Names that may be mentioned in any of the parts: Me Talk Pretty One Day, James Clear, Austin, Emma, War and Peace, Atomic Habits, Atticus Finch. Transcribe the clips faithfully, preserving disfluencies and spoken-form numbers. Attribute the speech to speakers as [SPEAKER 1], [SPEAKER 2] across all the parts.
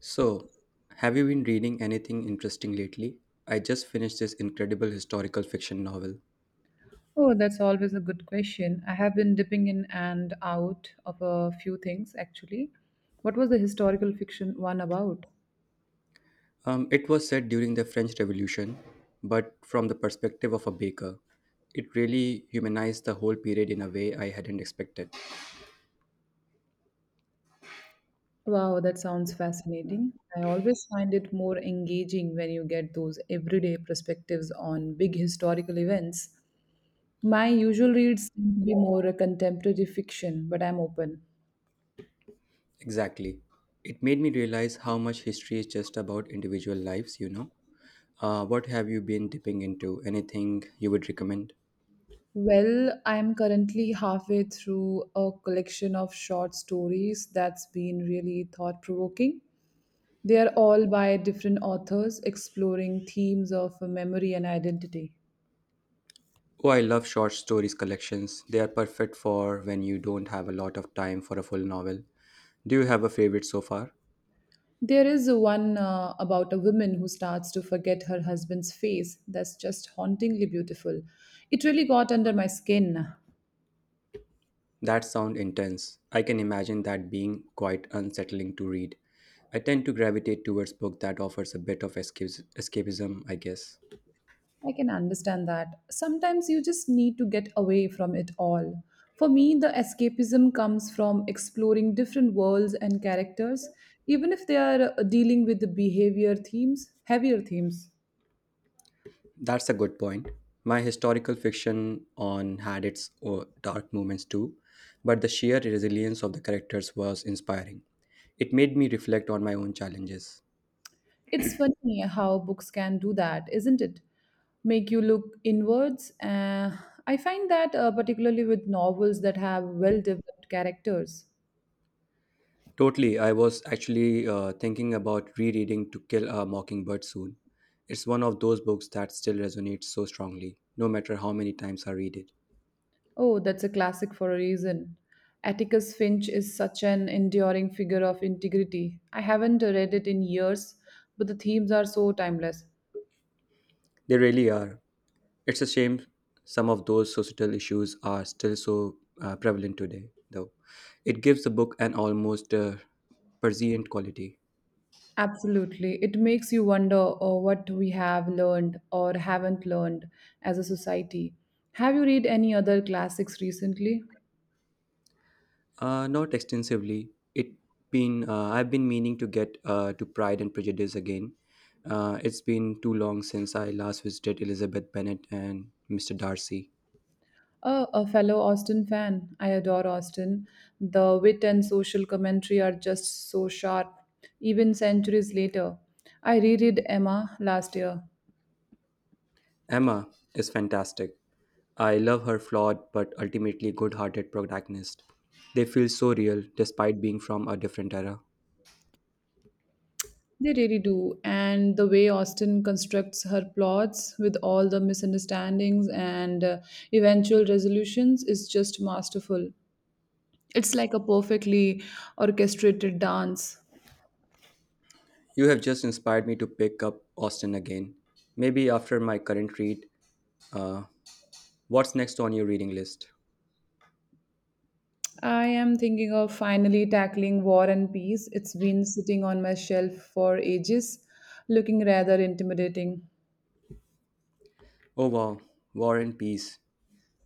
[SPEAKER 1] So, have you been reading anything interesting lately? I just finished this incredible historical fiction novel.
[SPEAKER 2] Oh, that's always a good question. I have been dipping in and out of a few things actually. What was the historical fiction one about?
[SPEAKER 1] Um, it was set during the French Revolution, but from the perspective of a baker. It really humanized the whole period in a way I hadn't expected.
[SPEAKER 2] Wow, that sounds fascinating. I always find it more engaging when you get those everyday perspectives on big historical events. My usual reads tend to be more a contemporary fiction, but I'm open.
[SPEAKER 1] Exactly. It made me realize how much history is just about individual lives, you know? Uh, what have you been dipping into? Anything you would recommend?
[SPEAKER 2] Well, I'm currently halfway through a collection of short stories that's been really thought provoking. They are all by different authors exploring themes of memory and identity.
[SPEAKER 1] Oh, I love short stories collections. They are perfect for when you don't have a lot of time for a full novel. Do you have a favorite so far?
[SPEAKER 2] There is one uh, about a woman who starts to forget her husband's face that's just hauntingly beautiful. It really got under my skin.
[SPEAKER 1] That sounds intense. I can imagine that being quite unsettling to read. I tend to gravitate towards books that offers a bit of escapes- escapism, I guess.
[SPEAKER 2] I can understand that. Sometimes you just need to get away from it all. For me, the escapism comes from exploring different worlds and characters, even if they are uh, dealing with the behavior themes, heavier themes.
[SPEAKER 1] That's a good point. My historical fiction on had its uh, dark moments too, but the sheer resilience of the characters was inspiring. It made me reflect on my own challenges.
[SPEAKER 2] It's funny how books can do that, isn't it? Make you look inwards. Uh, I find that uh, particularly with novels that have well developed characters.
[SPEAKER 1] Totally. I was actually uh, thinking about rereading To Kill a Mockingbird soon. It's one of those books that still resonates so strongly, no matter how many times I read it.
[SPEAKER 2] Oh, that's a classic for a reason. Atticus Finch is such an enduring figure of integrity. I haven't read it in years, but the themes are so timeless.
[SPEAKER 1] They really are. It's a shame some of those societal issues are still so uh, prevalent today, though. It gives the book an almost uh, prescient quality.
[SPEAKER 2] Absolutely. It makes you wonder oh, what we have learned or haven't learned as a society. Have you read any other classics recently?
[SPEAKER 1] Uh, not extensively. It been uh, I've been meaning to get uh, to Pride and Prejudice again. Uh, it's been too long since I last visited Elizabeth Bennet and Mister Darcy.
[SPEAKER 2] Uh, a fellow Austin fan. I adore Austin. The wit and social commentary are just so sharp, even centuries later. I reread Emma last year.
[SPEAKER 1] Emma is fantastic. I love her flawed but ultimately good-hearted protagonist. They feel so real despite being from a different era.
[SPEAKER 2] They really do. And the way Austin constructs her plots with all the misunderstandings and uh, eventual resolutions is just masterful. It's like a perfectly orchestrated dance.
[SPEAKER 1] You have just inspired me to pick up Austen again. Maybe after my current read. Uh, what's next on your reading list?
[SPEAKER 2] I am thinking of finally tackling War and Peace. It's been sitting on my shelf for ages, looking rather intimidating.
[SPEAKER 1] Oh wow, War and Peace.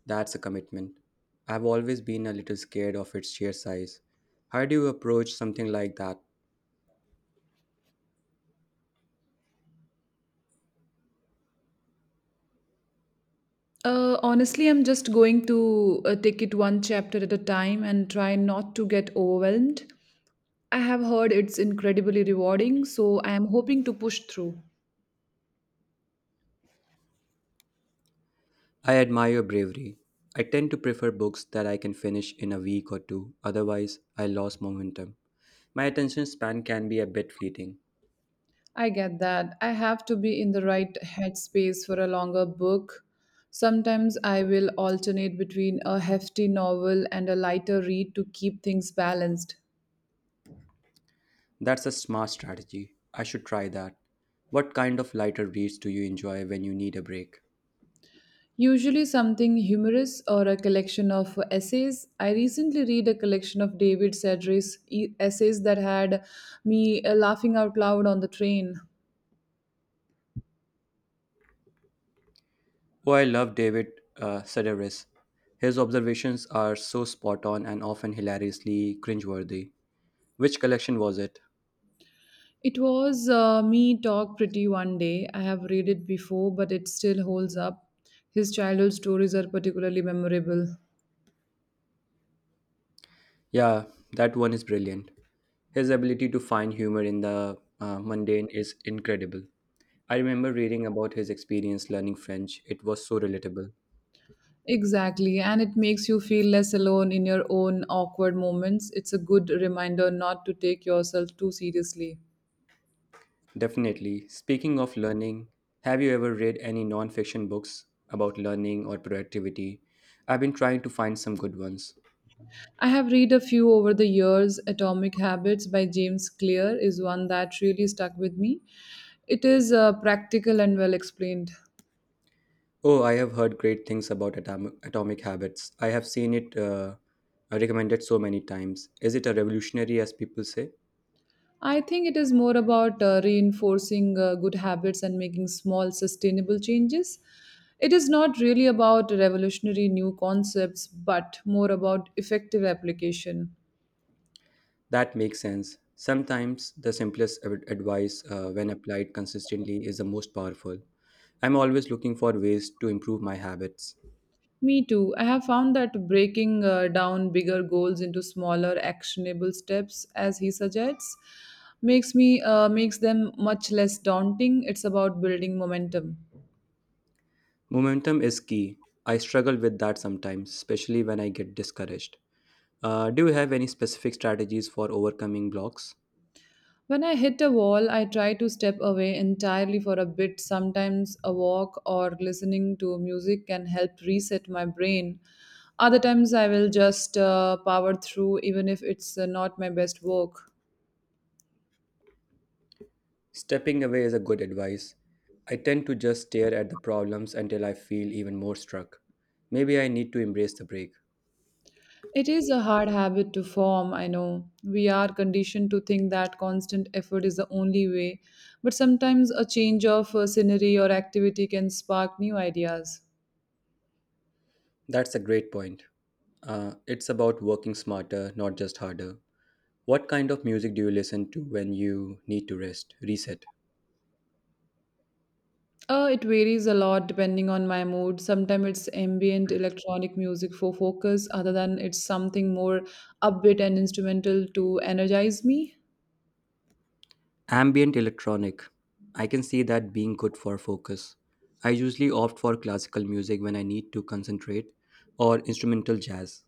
[SPEAKER 1] That's a commitment. I've always been a little scared of its sheer size. How do you approach something like that?
[SPEAKER 2] Uh, honestly, I'm just going to uh, take it one chapter at a time and try not to get overwhelmed. I have heard it's incredibly rewarding, so I am hoping to push through.
[SPEAKER 1] I admire your bravery. I tend to prefer books that I can finish in a week or two, otherwise, I lose momentum. My attention span can be a bit fleeting.
[SPEAKER 2] I get that. I have to be in the right headspace for a longer book. Sometimes I will alternate between a hefty novel and a lighter read to keep things balanced.
[SPEAKER 1] That's a smart strategy. I should try that. What kind of lighter reads do you enjoy when you need a break?
[SPEAKER 2] Usually something humorous or a collection of essays. I recently read a collection of David Sedgwick's e- essays that had me uh, laughing out loud on the train.
[SPEAKER 1] Oh, I love David uh, Sedaris. His observations are so spot on and often hilariously cringeworthy. Which collection was it?
[SPEAKER 2] It was uh, Me Talk Pretty One Day. I have read it before, but it still holds up. His childhood stories are particularly memorable.
[SPEAKER 1] Yeah, that one is brilliant. His ability to find humor in the uh, mundane is incredible. I remember reading about his experience learning French. It was so relatable.
[SPEAKER 2] Exactly, and it makes you feel less alone in your own awkward moments. It's a good reminder not to take yourself too seriously.
[SPEAKER 1] Definitely. Speaking of learning, have you ever read any non-fiction books about learning or productivity? I've been trying to find some good ones.
[SPEAKER 2] I have read a few over the years. Atomic Habits by James Clear is one that really stuck with me. It is uh, practical and well explained.
[SPEAKER 1] Oh, I have heard great things about Atom- Atomic Habits. I have seen it uh, recommended so many times. Is it a revolutionary, as people say?
[SPEAKER 2] I think it is more about uh, reinforcing uh, good habits and making small, sustainable changes. It is not really about revolutionary new concepts, but more about effective application.
[SPEAKER 1] That makes sense. Sometimes the simplest ad- advice, uh, when applied consistently, is the most powerful. I'm always looking for ways to improve my habits.
[SPEAKER 2] Me too. I have found that breaking uh, down bigger goals into smaller actionable steps, as he suggests, makes me uh, makes them much less daunting. It's about building momentum.
[SPEAKER 1] Momentum is key. I struggle with that sometimes, especially when I get discouraged. Uh, do you have any specific strategies for overcoming blocks?
[SPEAKER 2] When I hit a wall, I try to step away entirely for a bit. Sometimes a walk or listening to music can help reset my brain. Other times I will just uh, power through even if it's uh, not my best work.
[SPEAKER 1] Stepping away is a good advice. I tend to just stare at the problems until I feel even more struck. Maybe I need to embrace the break.
[SPEAKER 2] It is a hard habit to form, I know. We are conditioned to think that constant effort is the only way, but sometimes a change of uh, scenery or activity can spark new ideas.
[SPEAKER 1] That's a great point. Uh, it's about working smarter, not just harder. What kind of music do you listen to when you need to rest, reset?
[SPEAKER 2] Uh, it varies a lot depending on my mood. Sometimes it's ambient electronic music for focus, other than it's something more upbeat and instrumental to energize me.
[SPEAKER 1] Ambient electronic. I can see that being good for focus. I usually opt for classical music when I need to concentrate or instrumental jazz.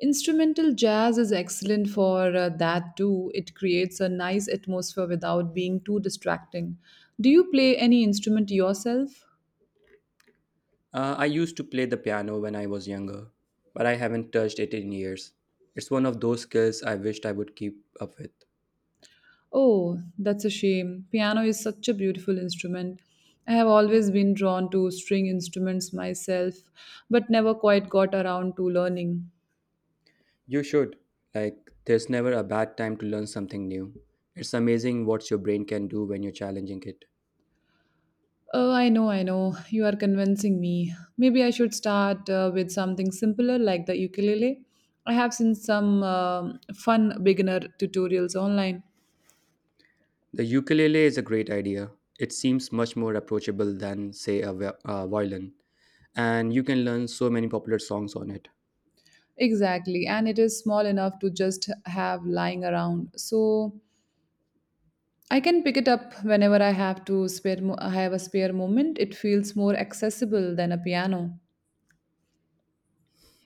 [SPEAKER 2] Instrumental jazz is excellent for uh, that too. It creates a nice atmosphere without being too distracting. Do you play any instrument yourself?
[SPEAKER 1] Uh, I used to play the piano when I was younger, but I haven't touched it in years. It's one of those skills I wished I would keep up with.
[SPEAKER 2] Oh, that's a shame. Piano is such a beautiful instrument. I have always been drawn to string instruments myself, but never quite got around to learning.
[SPEAKER 1] You should. Like, there's never a bad time to learn something new. It's amazing what your brain can do when you're challenging it.
[SPEAKER 2] Oh, I know, I know. You are convincing me. Maybe I should start uh, with something simpler like the ukulele. I have seen some um fun beginner tutorials online.
[SPEAKER 1] The ukulele is a great idea. It seems much more approachable than, say, a vi- a violin, and you can learn so many popular songs on it.
[SPEAKER 2] Exactly, and it is small enough to just have lying around. So I can pick it up whenever I have to spare mo- I have a spare moment. It feels more accessible than a piano.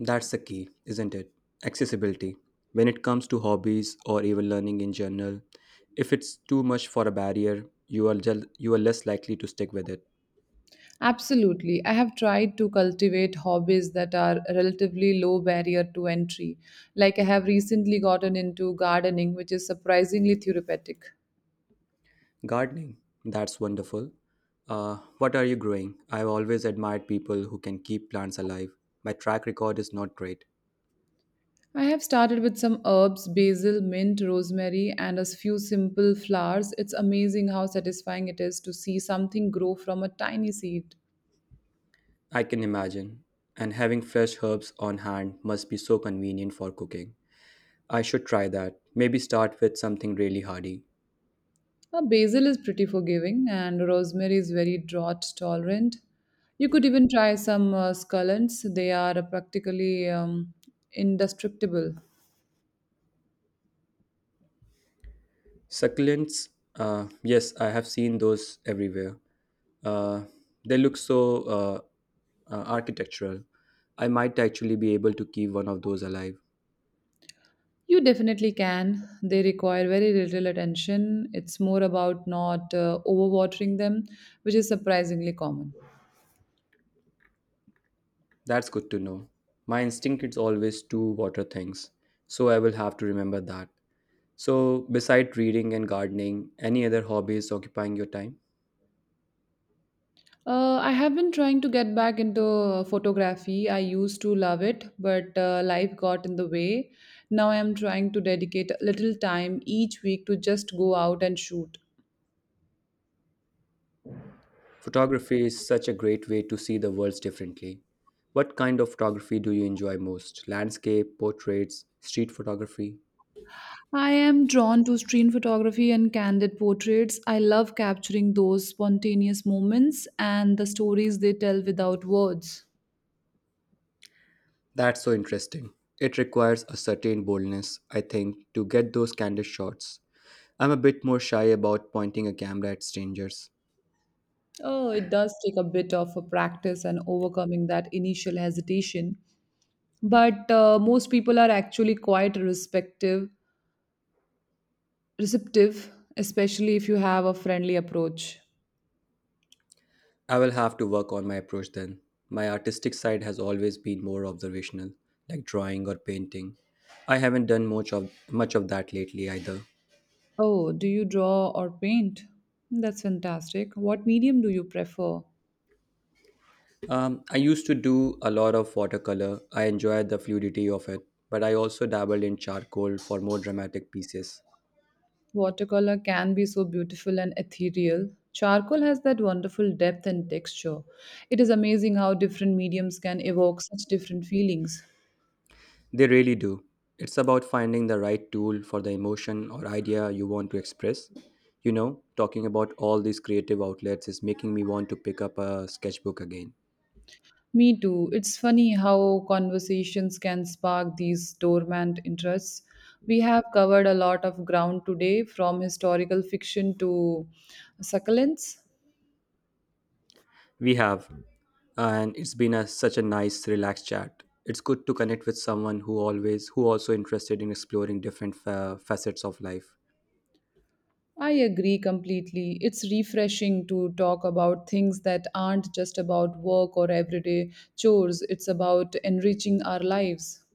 [SPEAKER 1] That's the key, isn't it? Accessibility. When it comes to hobbies or even learning in general, if it's too much for a barrier, you are jel- you are less likely to stick with it.
[SPEAKER 2] Absolutely. I have tried to cultivate hobbies that are relatively low barrier to entry. Like I have recently gotten into gardening, which is surprisingly therapeutic.
[SPEAKER 1] Gardening, that's wonderful. Uh, what are you growing? I've always admired people who can keep plants alive. My track record is not great,
[SPEAKER 2] I have started with some herbs, basil, mint, rosemary, and a few simple flowers. It's amazing how satisfying it is to see something grow from a tiny seed.
[SPEAKER 1] I can imagine. And having fresh herbs on hand must be so convenient for cooking. I should try that. Maybe start with something really hardy.
[SPEAKER 2] Uh, basil is pretty forgiving, and rosemary is very drought tolerant. You could even try some uh, scallions, they are uh, practically um, indestructible.
[SPEAKER 1] Succulents, uh, yes, I have seen those everywhere. Uh, they look so uh, uh, architectural. I might actually be able to keep one of those alive.
[SPEAKER 2] You definitely can. They require very little attention. It's more about not uh, overwatering them, which is surprisingly common.
[SPEAKER 1] That's good to know. My instinct is always to water things, so I will have to remember that. So, beside reading and gardening, any other hobbies occupying your time?
[SPEAKER 2] Uh, I have been trying to get back into photography. I used to love it, but uh, life got in the way. Now I am trying to dedicate a little time each week to just go out and shoot.
[SPEAKER 1] Photography is such a great way to see the world differently. What kind of photography do you enjoy most? Landscape, portraits, street photography?
[SPEAKER 2] I am drawn to street photography and candid portraits. I love capturing those spontaneous moments and the stories they tell without words.
[SPEAKER 1] That's so interesting. It requires a certain boldness, I think, to get those candid shots. I'm a bit more shy about pointing a camera at strangers.
[SPEAKER 2] Oh, it does take a bit of a practice and overcoming that initial hesitation. But uh, most people are actually quite respective receptive, especially if you have a friendly approach.
[SPEAKER 1] I will have to work on my approach then. My artistic side has always been more observational, like drawing or painting. I haven't done much of much of that lately either.
[SPEAKER 2] Oh, do you draw or paint? That's fantastic. What medium do you prefer?
[SPEAKER 1] Um, I used to do a lot of watercolor. I enjoyed the fluidity of it, but I also dabbled in charcoal for more dramatic pieces.
[SPEAKER 2] Watercolor can be so beautiful and ethereal. Charcoal has that wonderful depth and texture. It is amazing how different mediums can evoke such different feelings.
[SPEAKER 1] They really do. It's about finding the right tool for the emotion or idea you want to express. You know, talking about all these creative outlets is making me want to pick up a sketchbook again.
[SPEAKER 2] Me too. It's funny how conversations can spark these dormant interests. We have covered a lot of ground today, from historical fiction to succulents.
[SPEAKER 1] We have, and it's been a, such a nice, relaxed chat. It's good to connect with someone who always, who also interested in exploring different fa- facets of life.
[SPEAKER 2] I agree completely. It's refreshing to talk about things that aren't just about work or everyday chores, it's about enriching our lives.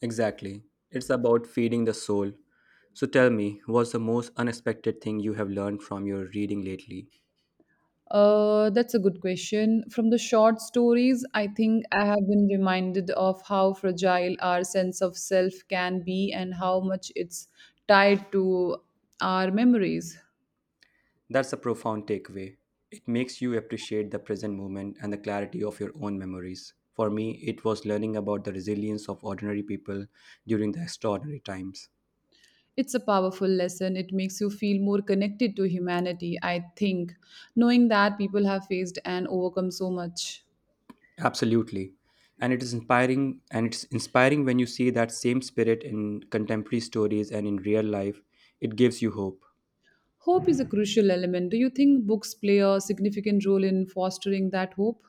[SPEAKER 1] Exactly. It's about feeding the soul. So tell me, what's the most unexpected thing you have learned from your reading lately?
[SPEAKER 2] Uh, that's a good question. From the short stories, I think I have been reminded of how fragile our sense of self can be and how much it's tied to our memories.
[SPEAKER 1] That's a profound takeaway. It makes you appreciate the present moment and the clarity of your own memories. For me, it was learning about the resilience of ordinary people during the extraordinary times.
[SPEAKER 2] It's a powerful lesson. It makes you feel more connected to humanity, I think, knowing that people have faced and overcome so much.
[SPEAKER 1] Absolutely. And it is inspiring and it's inspiring when you see that same spirit in contemporary stories and in real life. It gives you hope.
[SPEAKER 2] Hope is a crucial element. Do you think books play a significant role in fostering that hope?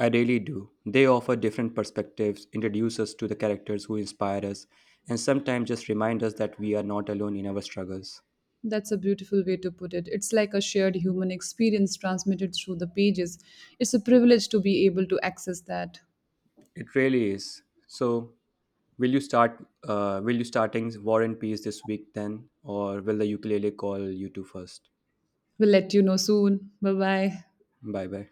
[SPEAKER 1] I really do. They offer different perspectives, introduce us to the characters who inspire us, and sometimes just remind us that we are not alone in our struggles.
[SPEAKER 2] That's a beautiful way to put it. It's like a shared human experience transmitted through the pages. It's a privilege to be able to access that.
[SPEAKER 1] It really is. So, will you start? Uh, will you starting War and Peace this week then, or will the ukulele call you two first?
[SPEAKER 2] We'll let you know soon. Bye bye.
[SPEAKER 1] Bye bye.